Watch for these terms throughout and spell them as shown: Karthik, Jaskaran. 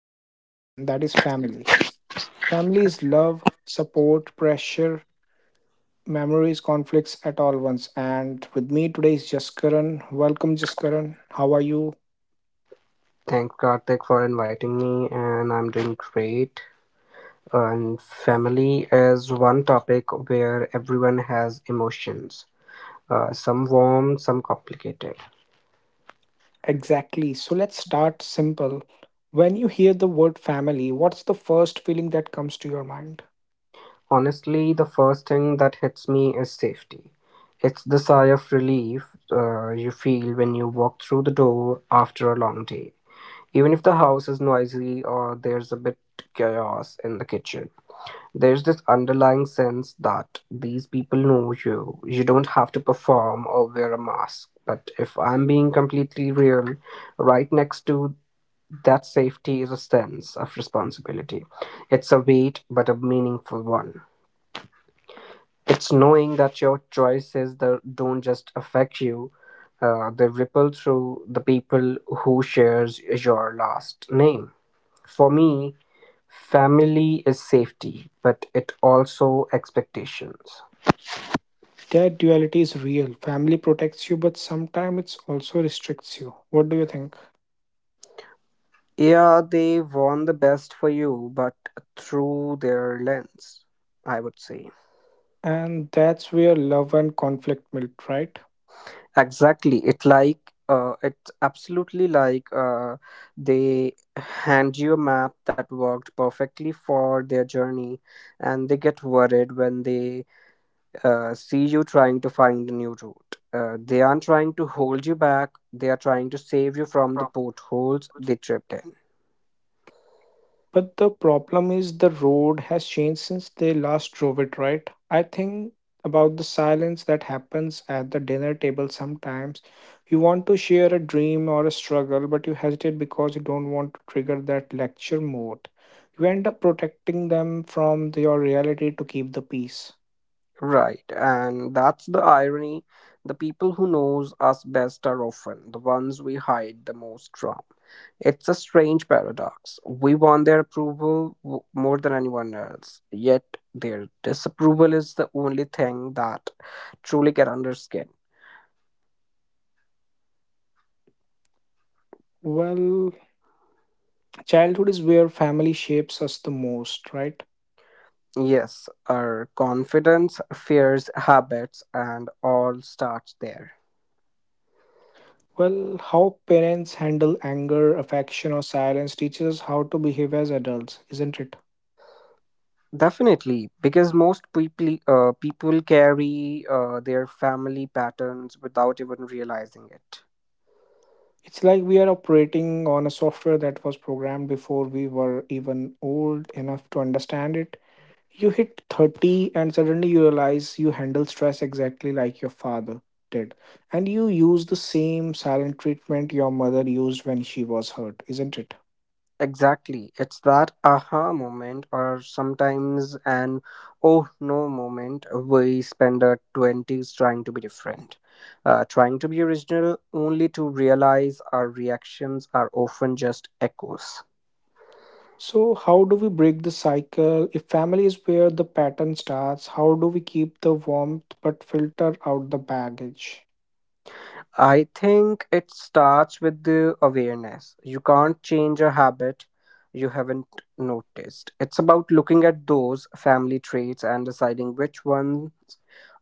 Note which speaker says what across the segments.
Speaker 1: in some way, and that is family. Family is love, support, pressure, memories, conflicts at all once. And with me today is Jaskaran. Welcome Jaskaran. How are you?
Speaker 2: Thanks, Karthik, for inviting me, and I'm doing great. And family is one topic where everyone has emotions, some warm, some complicated.
Speaker 1: Exactly. So let's start simple. When you hear the word family, what's the first feeling that comes to your mind?
Speaker 2: Honestly, the first thing that hits me is safety. It's the sigh of relief you feel when you walk through the door after a long day, even if the house is noisy or there's a bit chaos in the kitchen. There's this underlying sense that these people know you. You don't have to perform or wear a mask. But if I'm being completely real, right next to that safety is a sense of responsibility. It's a weight, but a meaningful one. It's knowing that your choices that don't just affect you, they ripple through the people who shares your last name. For me, family is safety, but it also expectations.
Speaker 1: That duality is real. Family protects you, but sometimes it also restricts you. What do you think?
Speaker 2: Yeah, they want the best for you, but through their lens, I would say.
Speaker 1: And that's where love and conflict meet, right?
Speaker 2: Exactly. It like it's absolutely like they hand you a map that worked perfectly for their journey, and they get worried when they see you trying to find a new route. They aren't trying to hold you back. They are trying to save you from the potholes they tripped in.
Speaker 1: But the problem is the road has changed since they last drove it, right? I think about the silence that happens at the dinner table sometimes. You want to share a dream or a struggle, but you hesitate because you don't want to trigger that lecture mode. You end up protecting them from your reality to keep the peace.
Speaker 2: Right, and that's the irony. The people who knows us best are often the ones we hide the most from. It's a strange paradox. We want their approval more than anyone else, yet their disapproval is the only thing that truly get under skin.
Speaker 1: Well, childhood is where family shapes us the most, right?
Speaker 2: Yes, our confidence, fears, habits, and all starts there.
Speaker 1: Well, how parents handle anger, affection, or silence teaches us how to behave as adults, isn't it?
Speaker 2: Definitely, because most people people carry their family patterns without even realizing it.
Speaker 1: It's like we are operating on a software that was programmed before we were even old enough to understand it. You hit 30 and suddenly you realize you handle stress exactly like your father did. And you use the same silent treatment your mother used when she was hurt, isn't it?
Speaker 2: Exactly, it's that aha moment, or sometimes an oh no moment. We spend our twenties trying to be different, trying to be original, only to realize our reactions are often just echoes.
Speaker 1: So, how do we break the cycle? If family is where the pattern starts, how do we keep the warmth but filter out the baggage?
Speaker 2: I think it starts with the awareness. You can't change a habit you haven't noticed. It's about looking at those family traits and deciding which ones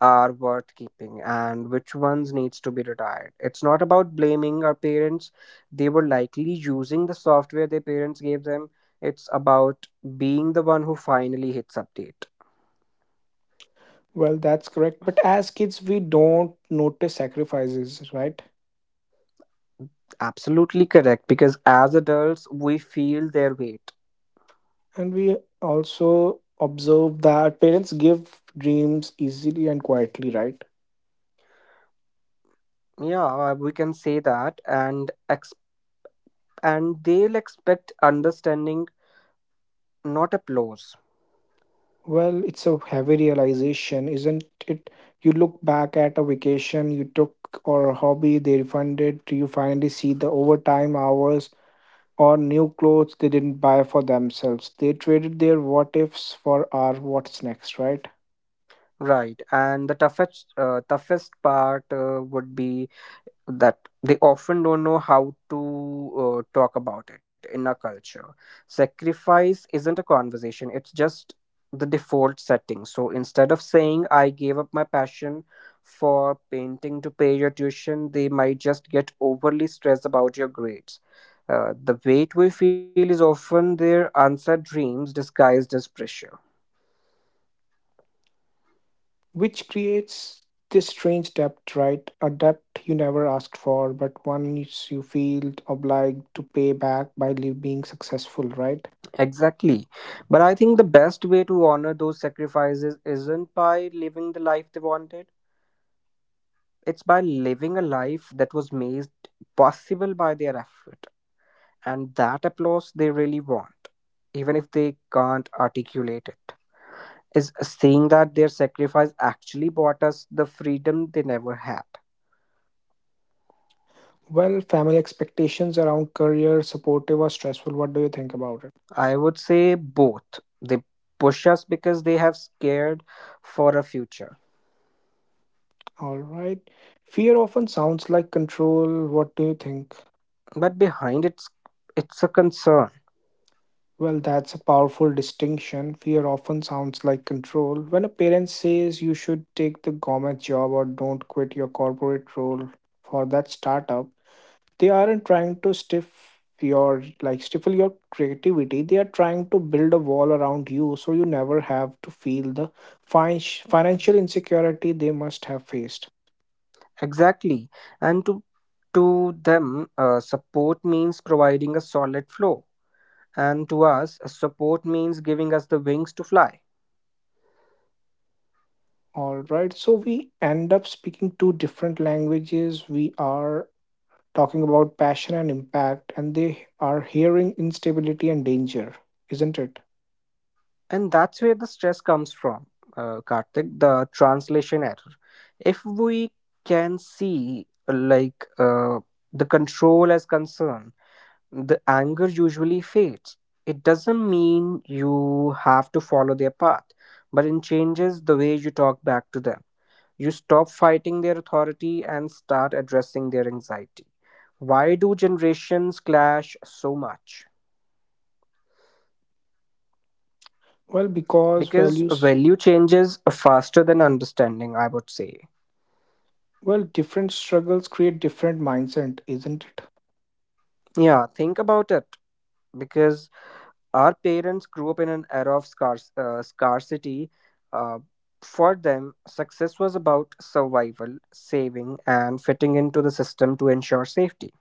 Speaker 2: are worth keeping and which ones needs to be retired. It's not about blaming our parents. They were likely using the software their parents gave them. It's about being the one who finally hits update.
Speaker 1: Well, that's correct. But as kids, we don't notice sacrifices, right?
Speaker 2: Absolutely correct, because as adults we feel their weight.
Speaker 1: And we also observe that parents give dreams easily and quietly, right?
Speaker 2: Yeah, we can say that and they'll expect understanding, not applause.
Speaker 1: Well, it's a heavy realization, isn't it? You look back at a vacation you took or a hobby they refunded, you finally see the overtime hours or new clothes they didn't buy for themselves. They traded their what ifs for our what's next, right?
Speaker 2: Right, and the toughest toughest part would be that they often don't know how to talk about it in our culture. Sacrifice isn't a conversation, it's just the default setting. So instead of saying, I gave up my passion for painting to pay your tuition, they might just get overly stressed about your grades. The weight we feel is often their answered dreams disguised as pressure.
Speaker 1: Which creates this strange debt, right? A debt you never asked for, but one is you feel obliged to pay back by being successful, right?
Speaker 2: Exactly. But I think the best way to honor those sacrifices isn't by living the life they wanted. It's by living a life that was made possible by their effort, and that applause they really want, even if they can't articulate it. Is seeing that their sacrifice actually bought us the freedom they never had.
Speaker 1: Well, family expectations around career, supportive or stressful, what do you think about it?
Speaker 2: I would say both. They push us because they have scared for a future,
Speaker 1: All right. Fear often sounds like control. What do you think?
Speaker 2: but behind it's a concern.
Speaker 1: Well, that's a powerful distinction. Fear often sounds like control. When a parent says you should take the government job or don't quit your corporate role for that startup, they aren't trying to stiff your like stifle your creativity. They are trying to build a wall around you so you never have to feel the financial insecurity they must have faced.
Speaker 2: Exactly, and to them, support means providing a solid floor. And to us, a support means giving us the wings to fly.
Speaker 1: All right, so we end up speaking two different languages. We are talking about passion and impact, and they are hearing instability and danger, isn't it?
Speaker 2: And that's where the stress comes from, Karthik, the translation error. If we can see, like, the control as concern, the anger usually fades. It doesn't mean you have to follow their path, but it changes the way you talk back to them. You stop fighting their authority and start addressing their anxiety. Why do generations clash so much?
Speaker 1: Well, because
Speaker 2: Because
Speaker 1: values,
Speaker 2: value changes faster than understanding, I would say.
Speaker 1: well, different struggles create different mindset, isn't it?
Speaker 2: Yeah, think about it. Because our parents grew up in an era of scarcity, uh, for them success was about survival, saving, and fitting into the system to ensure safety.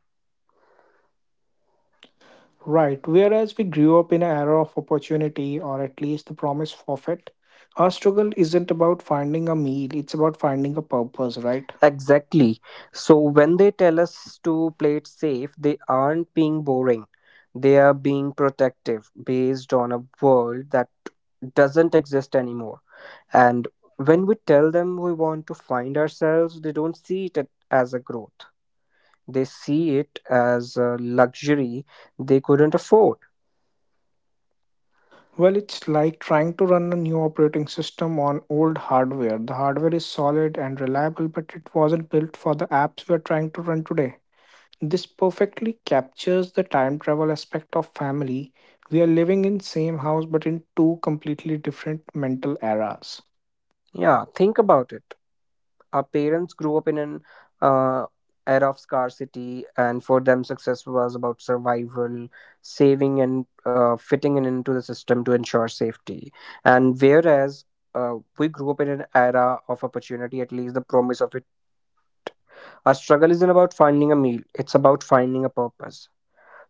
Speaker 1: Right. Whereas we grew up in an era of opportunity, or at least the promise of it, our struggle isn't about finding a meal, it's about finding a purpose, right?
Speaker 2: Exactly, so when they tell us to play it safe, they aren't being boring, they are being protective based on a world that doesn't exist anymore. And when we tell them we want to find ourselves, they don't see it as a growth. They see it as a luxury they couldn't afford.
Speaker 1: Well, it's like trying to run a new operating system on old hardware. The hardware is solid and reliable, but it wasn't built for the apps we're trying to run today. This perfectly captures the time travel aspect of family. We are living in same house but in two completely different mental eras.
Speaker 2: Yeah, think about it. Our parents grew up in an uh, era of scarcity, and for them, success was about survival, saving, and fitting in into the system to ensure safety. And whereas we grew up in an era of opportunity, at least the promise of it. Our struggle isn't about finding a meal, it's about finding a purpose.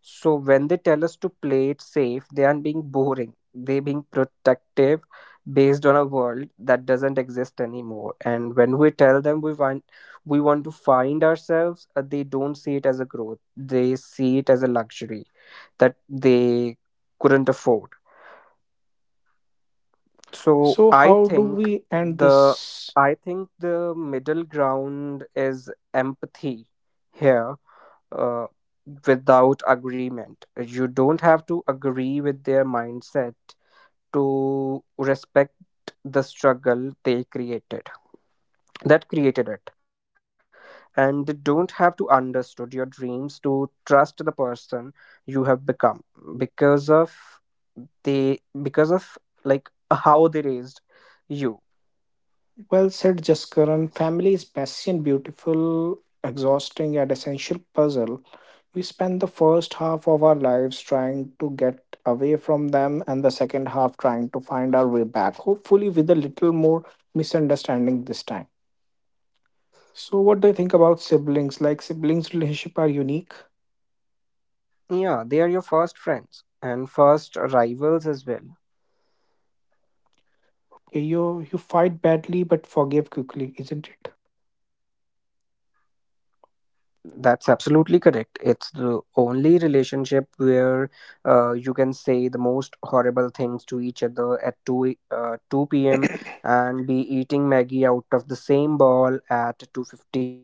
Speaker 2: So when they tell us to play it safe, they aren't being boring. They're being protective based on a world that doesn't exist anymore. And when we tell them we want to find ourselves, they don't see it as a growth. They see it as a luxury that they couldn't afford. So
Speaker 1: So how do we end
Speaker 2: the
Speaker 1: this?
Speaker 2: I think the middle ground is empathy here, uh, without agreement. You don't have to agree with their mindset to respect the struggle they created that created it, and they don't have to understood your dreams to trust the person you have become because of they because of like how they raised you.
Speaker 1: Well said, Jaskaran. Family is messy and beautiful, exhausting and essential puzzle. We spend the first half of our lives trying to get away from them and the second half trying to find our way back. Hopefully with a little more misunderstanding this time. So what do you think about siblings? Like siblings relationship are unique.
Speaker 2: Yeah, they are your first friends and first rivals as well.
Speaker 1: Okay. You fight badly but forgive quickly, isn't it?
Speaker 2: That's absolutely correct. It's the only relationship where you can say the most horrible things to each other at 2 p.m. and be eating Maggie out of the same bowl at 2:50.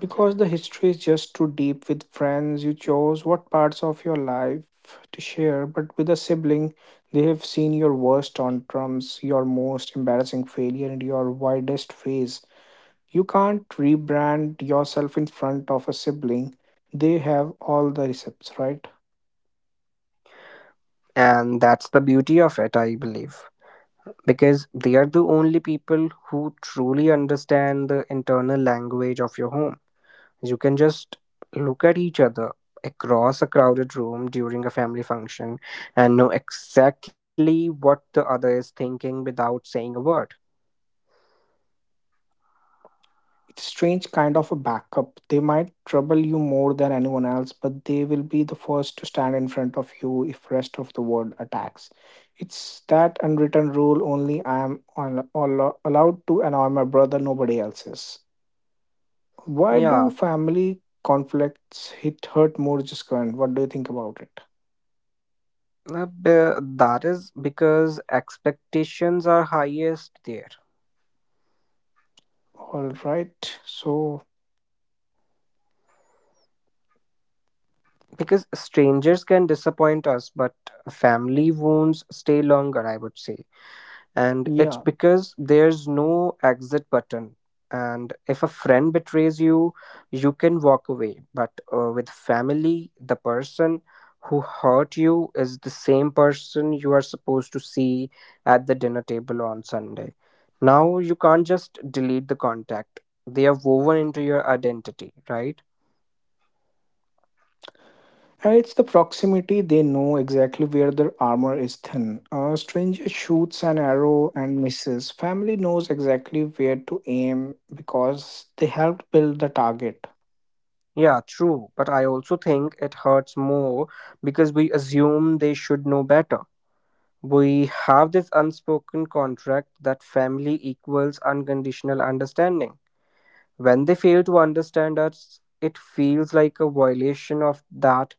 Speaker 1: Because the history is just too deep with friends, you chose what parts of your life to share, but with a sibling, they have seen your worst tantrums, your most embarrassing failure, and your wildest phase. You can't rebrand yourself in front of a sibling. They have all the recepts, right?
Speaker 2: And that's the beauty of it, I believe. Because they are the only people who truly understand the internal language of your home. You can just look at each other across a crowded room during a family function and know exactly what the other is thinking without saying a word.
Speaker 1: It's strange kind of a backup. They might trouble you more than anyone else, but they will be the first to stand in front of you if rest of the world attacks. It's that unwritten rule, only I am allowed to annoy my brother, nobody else is. Why do
Speaker 2: Yeah,
Speaker 1: family conflicts hit hurt more just current, what do you think about it?
Speaker 2: that is because expectations are highest there.
Speaker 1: All right, so
Speaker 2: Because strangers can disappoint us, but family wounds stay longer, I would say. And it's
Speaker 1: yeah.
Speaker 2: because there's no exit button. And if a friend betrays you, you can walk away, but with family the person who hurt you is the same person you are supposed to see at the dinner table on Sunday. Now you can't just delete the contact, they are woven into your identity, right?
Speaker 1: It's the proximity. They know exactly where their armor is thin. A stranger shoots an arrow and misses. Family knows exactly where to aim because they helped build the target.
Speaker 2: Yeah, true, but I also think it hurts more because we assume they should know better. We have this unspoken contract that family equals unconditional understanding. When they fail to understand us, it feels like a violation of that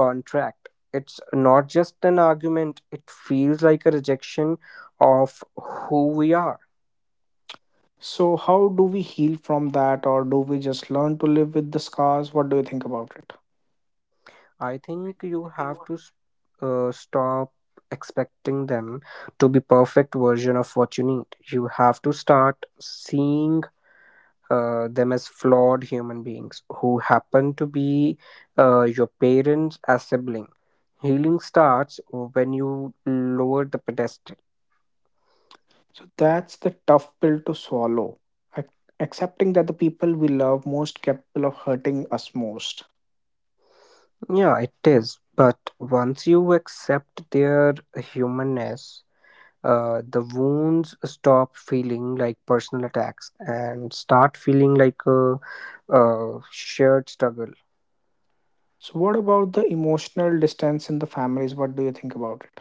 Speaker 2: contract. It's not just an argument, it feels like a rejection of who we are.
Speaker 1: So, how do we heal from that, or do we just learn to live with the scars? What do you think about it?
Speaker 2: I think you have to stop expecting them to be perfect version of what you need. You have to start seeing them as flawed human beings who happen to be your parents as sibling. Healing starts when you lower the pedestal.
Speaker 1: So, that's the tough pill to swallow. ac- Accepting that the people we love most capable of hurting us most.
Speaker 2: Yeah, it is. But once you accept their humanness, the wounds stop feeling like personal attacks and start feeling like a shared struggle.
Speaker 1: So, what about the emotional distance in the families? What do you think about it?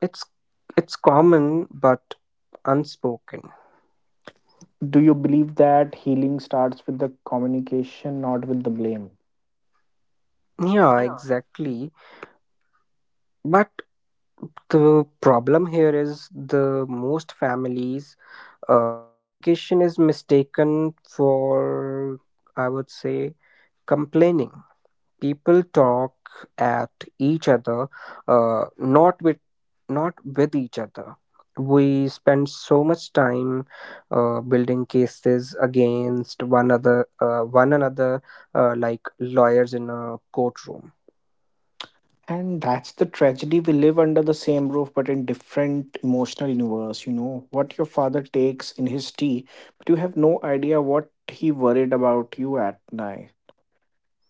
Speaker 2: It's it's common but unspoken.
Speaker 1: Do you believe that healing starts with the communication, not with the blame?
Speaker 2: Yeah, exactly. But the problem here is the most families communication is mistaken for, I would say, complaining. People talk at each other, not with not with each other. We spend so much time building cases against one another, like lawyers in a courtroom.
Speaker 1: And that's the tragedy. We live under the same roof, but in different emotional universe. You know what your father takes in his tea, but you have no idea what he worried about you at night.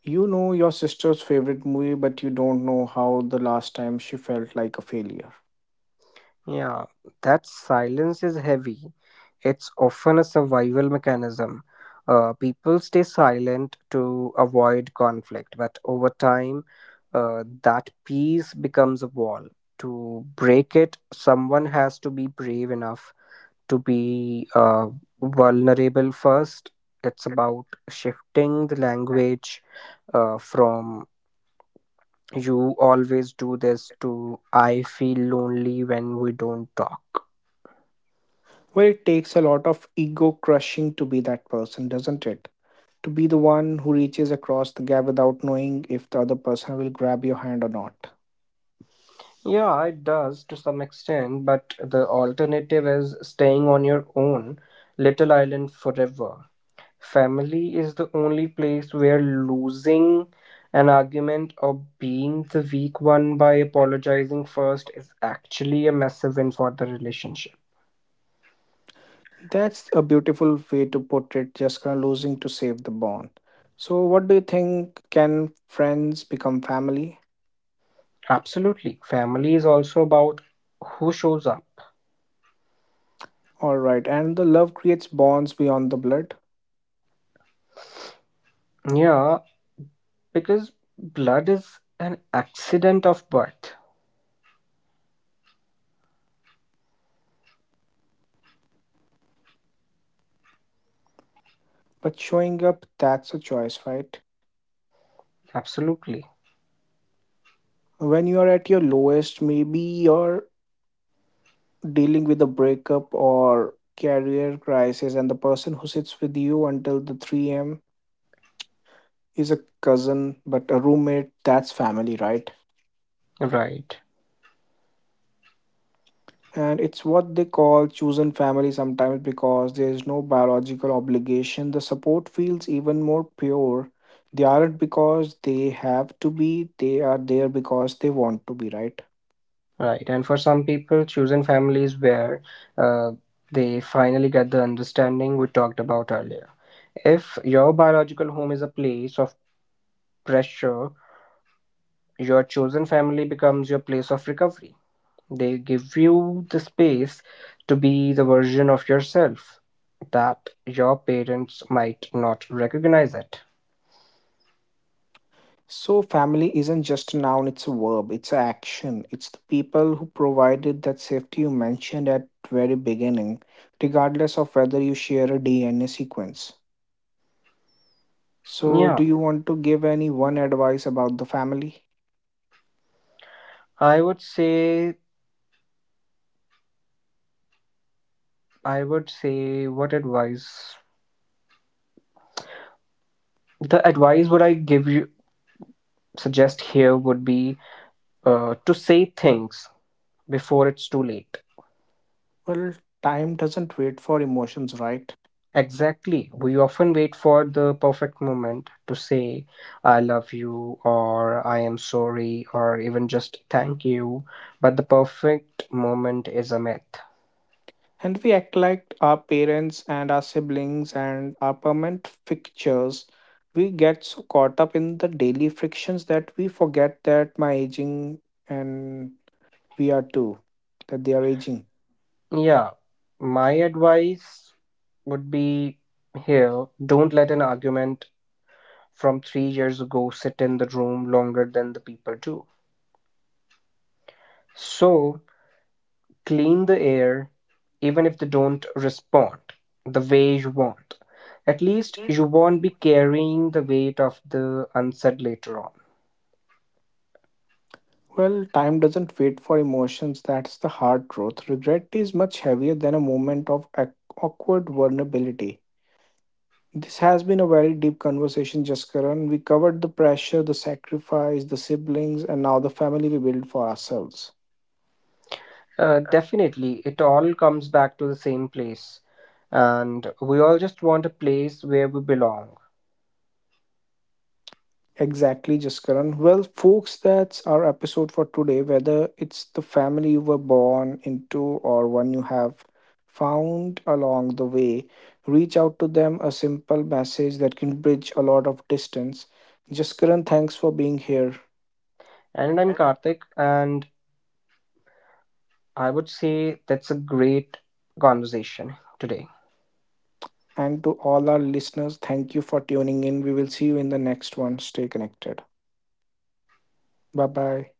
Speaker 1: You know your sister's favorite movie, but you don't know how the last time she felt like a failure.
Speaker 2: Yeah, that silence is heavy. It's often a survival mechanism. People stay silent to avoid conflict, but over time, that peace becomes a wall. To break it, someone has to be brave enough to be vulnerable first. It's about shifting the language from you always do this to I feel lonely when we don't talk.
Speaker 1: Well, it takes a lot of ego crushing to be that person, doesn't it? To be the one who reaches across the gap without knowing if the other person will grab your hand or not.
Speaker 2: Yeah, it does to some extent, but the alternative is staying on your own little island forever. Family is the only place where losing an argument or being the weak one by apologizing first is actually a massive win for the relationship.
Speaker 1: That's a beautiful way to put it, just kind of losing to save the bond. So, what do you think? Can friends become family?
Speaker 2: Absolutely. Family is also about who shows up.
Speaker 1: Alright, and the love creates bonds beyond the blood.
Speaker 2: Yeah, because blood is an accident of birth.
Speaker 1: But showing up, that's a choice, right?
Speaker 2: Absolutely.
Speaker 1: When you are at your lowest, maybe your dealing with a breakup or career crisis, and the person who sits with you until the 3 a.m. is a cousin but a roommate, that's family, right?
Speaker 2: Right.
Speaker 1: And it's what they call chosen family sometimes, because there is no biological obligation, the support feels even more pure. They aren't because they have to be, they are there because they want to be, right?
Speaker 2: Right, and for some people, chosen families where uh, they finally get the understanding we talked about earlier. If your biological home is a place of pressure, your chosen family becomes your place of recovery. They give you the space to be the version of yourself that your parents might not recognize it.
Speaker 1: So, family isn't just a noun, it's a verb, it's an action. It's the people who provided that safety you mentioned at very beginning, regardless of whether you share a DNA sequence. So, do
Speaker 2: Yeah,
Speaker 1: you want to give any one advice about the family?
Speaker 2: I would say, I would say, what advice? The advice would I give you, suggest here would be to say things before it's too late.
Speaker 1: Well, time doesn't wait for emotions, right?
Speaker 2: Exactly. We often wait for the perfect moment to say, I love you, or I am sorry, or even just thank you. But the perfect moment is a myth.
Speaker 1: And we act like our parents and our siblings and our permanent fixtures. We get so caught up in the daily frictions that we forget that my aging and we are too, that they are aging.
Speaker 2: Yeah, my advice would be here, don't let an argument from 3 years ago sit in the room longer than the people do. So, clean the air, even if they don't respond the way you want. At least you won't be carrying the weight of the unsaid later on.
Speaker 1: Well, time doesn't wait for emotions, that's the hard truth. Regret is much heavier than a moment of awkward vulnerability. This has been a very deep conversation, Jaskaran. We covered the pressure, the sacrifice, the siblings, and now the family we build for ourselves.
Speaker 2: Definitely, it all comes back to the same place. And we all just want a place where we belong.
Speaker 1: Exactly, Jaskaran. Well, folks, that's our episode for today. Whether it's the family you were born into or one you have found along the way, reach out to them a simple message that can bridge a lot of distance. Jaskaran, thanks for being here.
Speaker 2: And I'm Karthik, and I would say that's a great conversation today.
Speaker 1: And to all our listeners, thank you for tuning in. We will see you in the next one. Stay connected. Bye bye.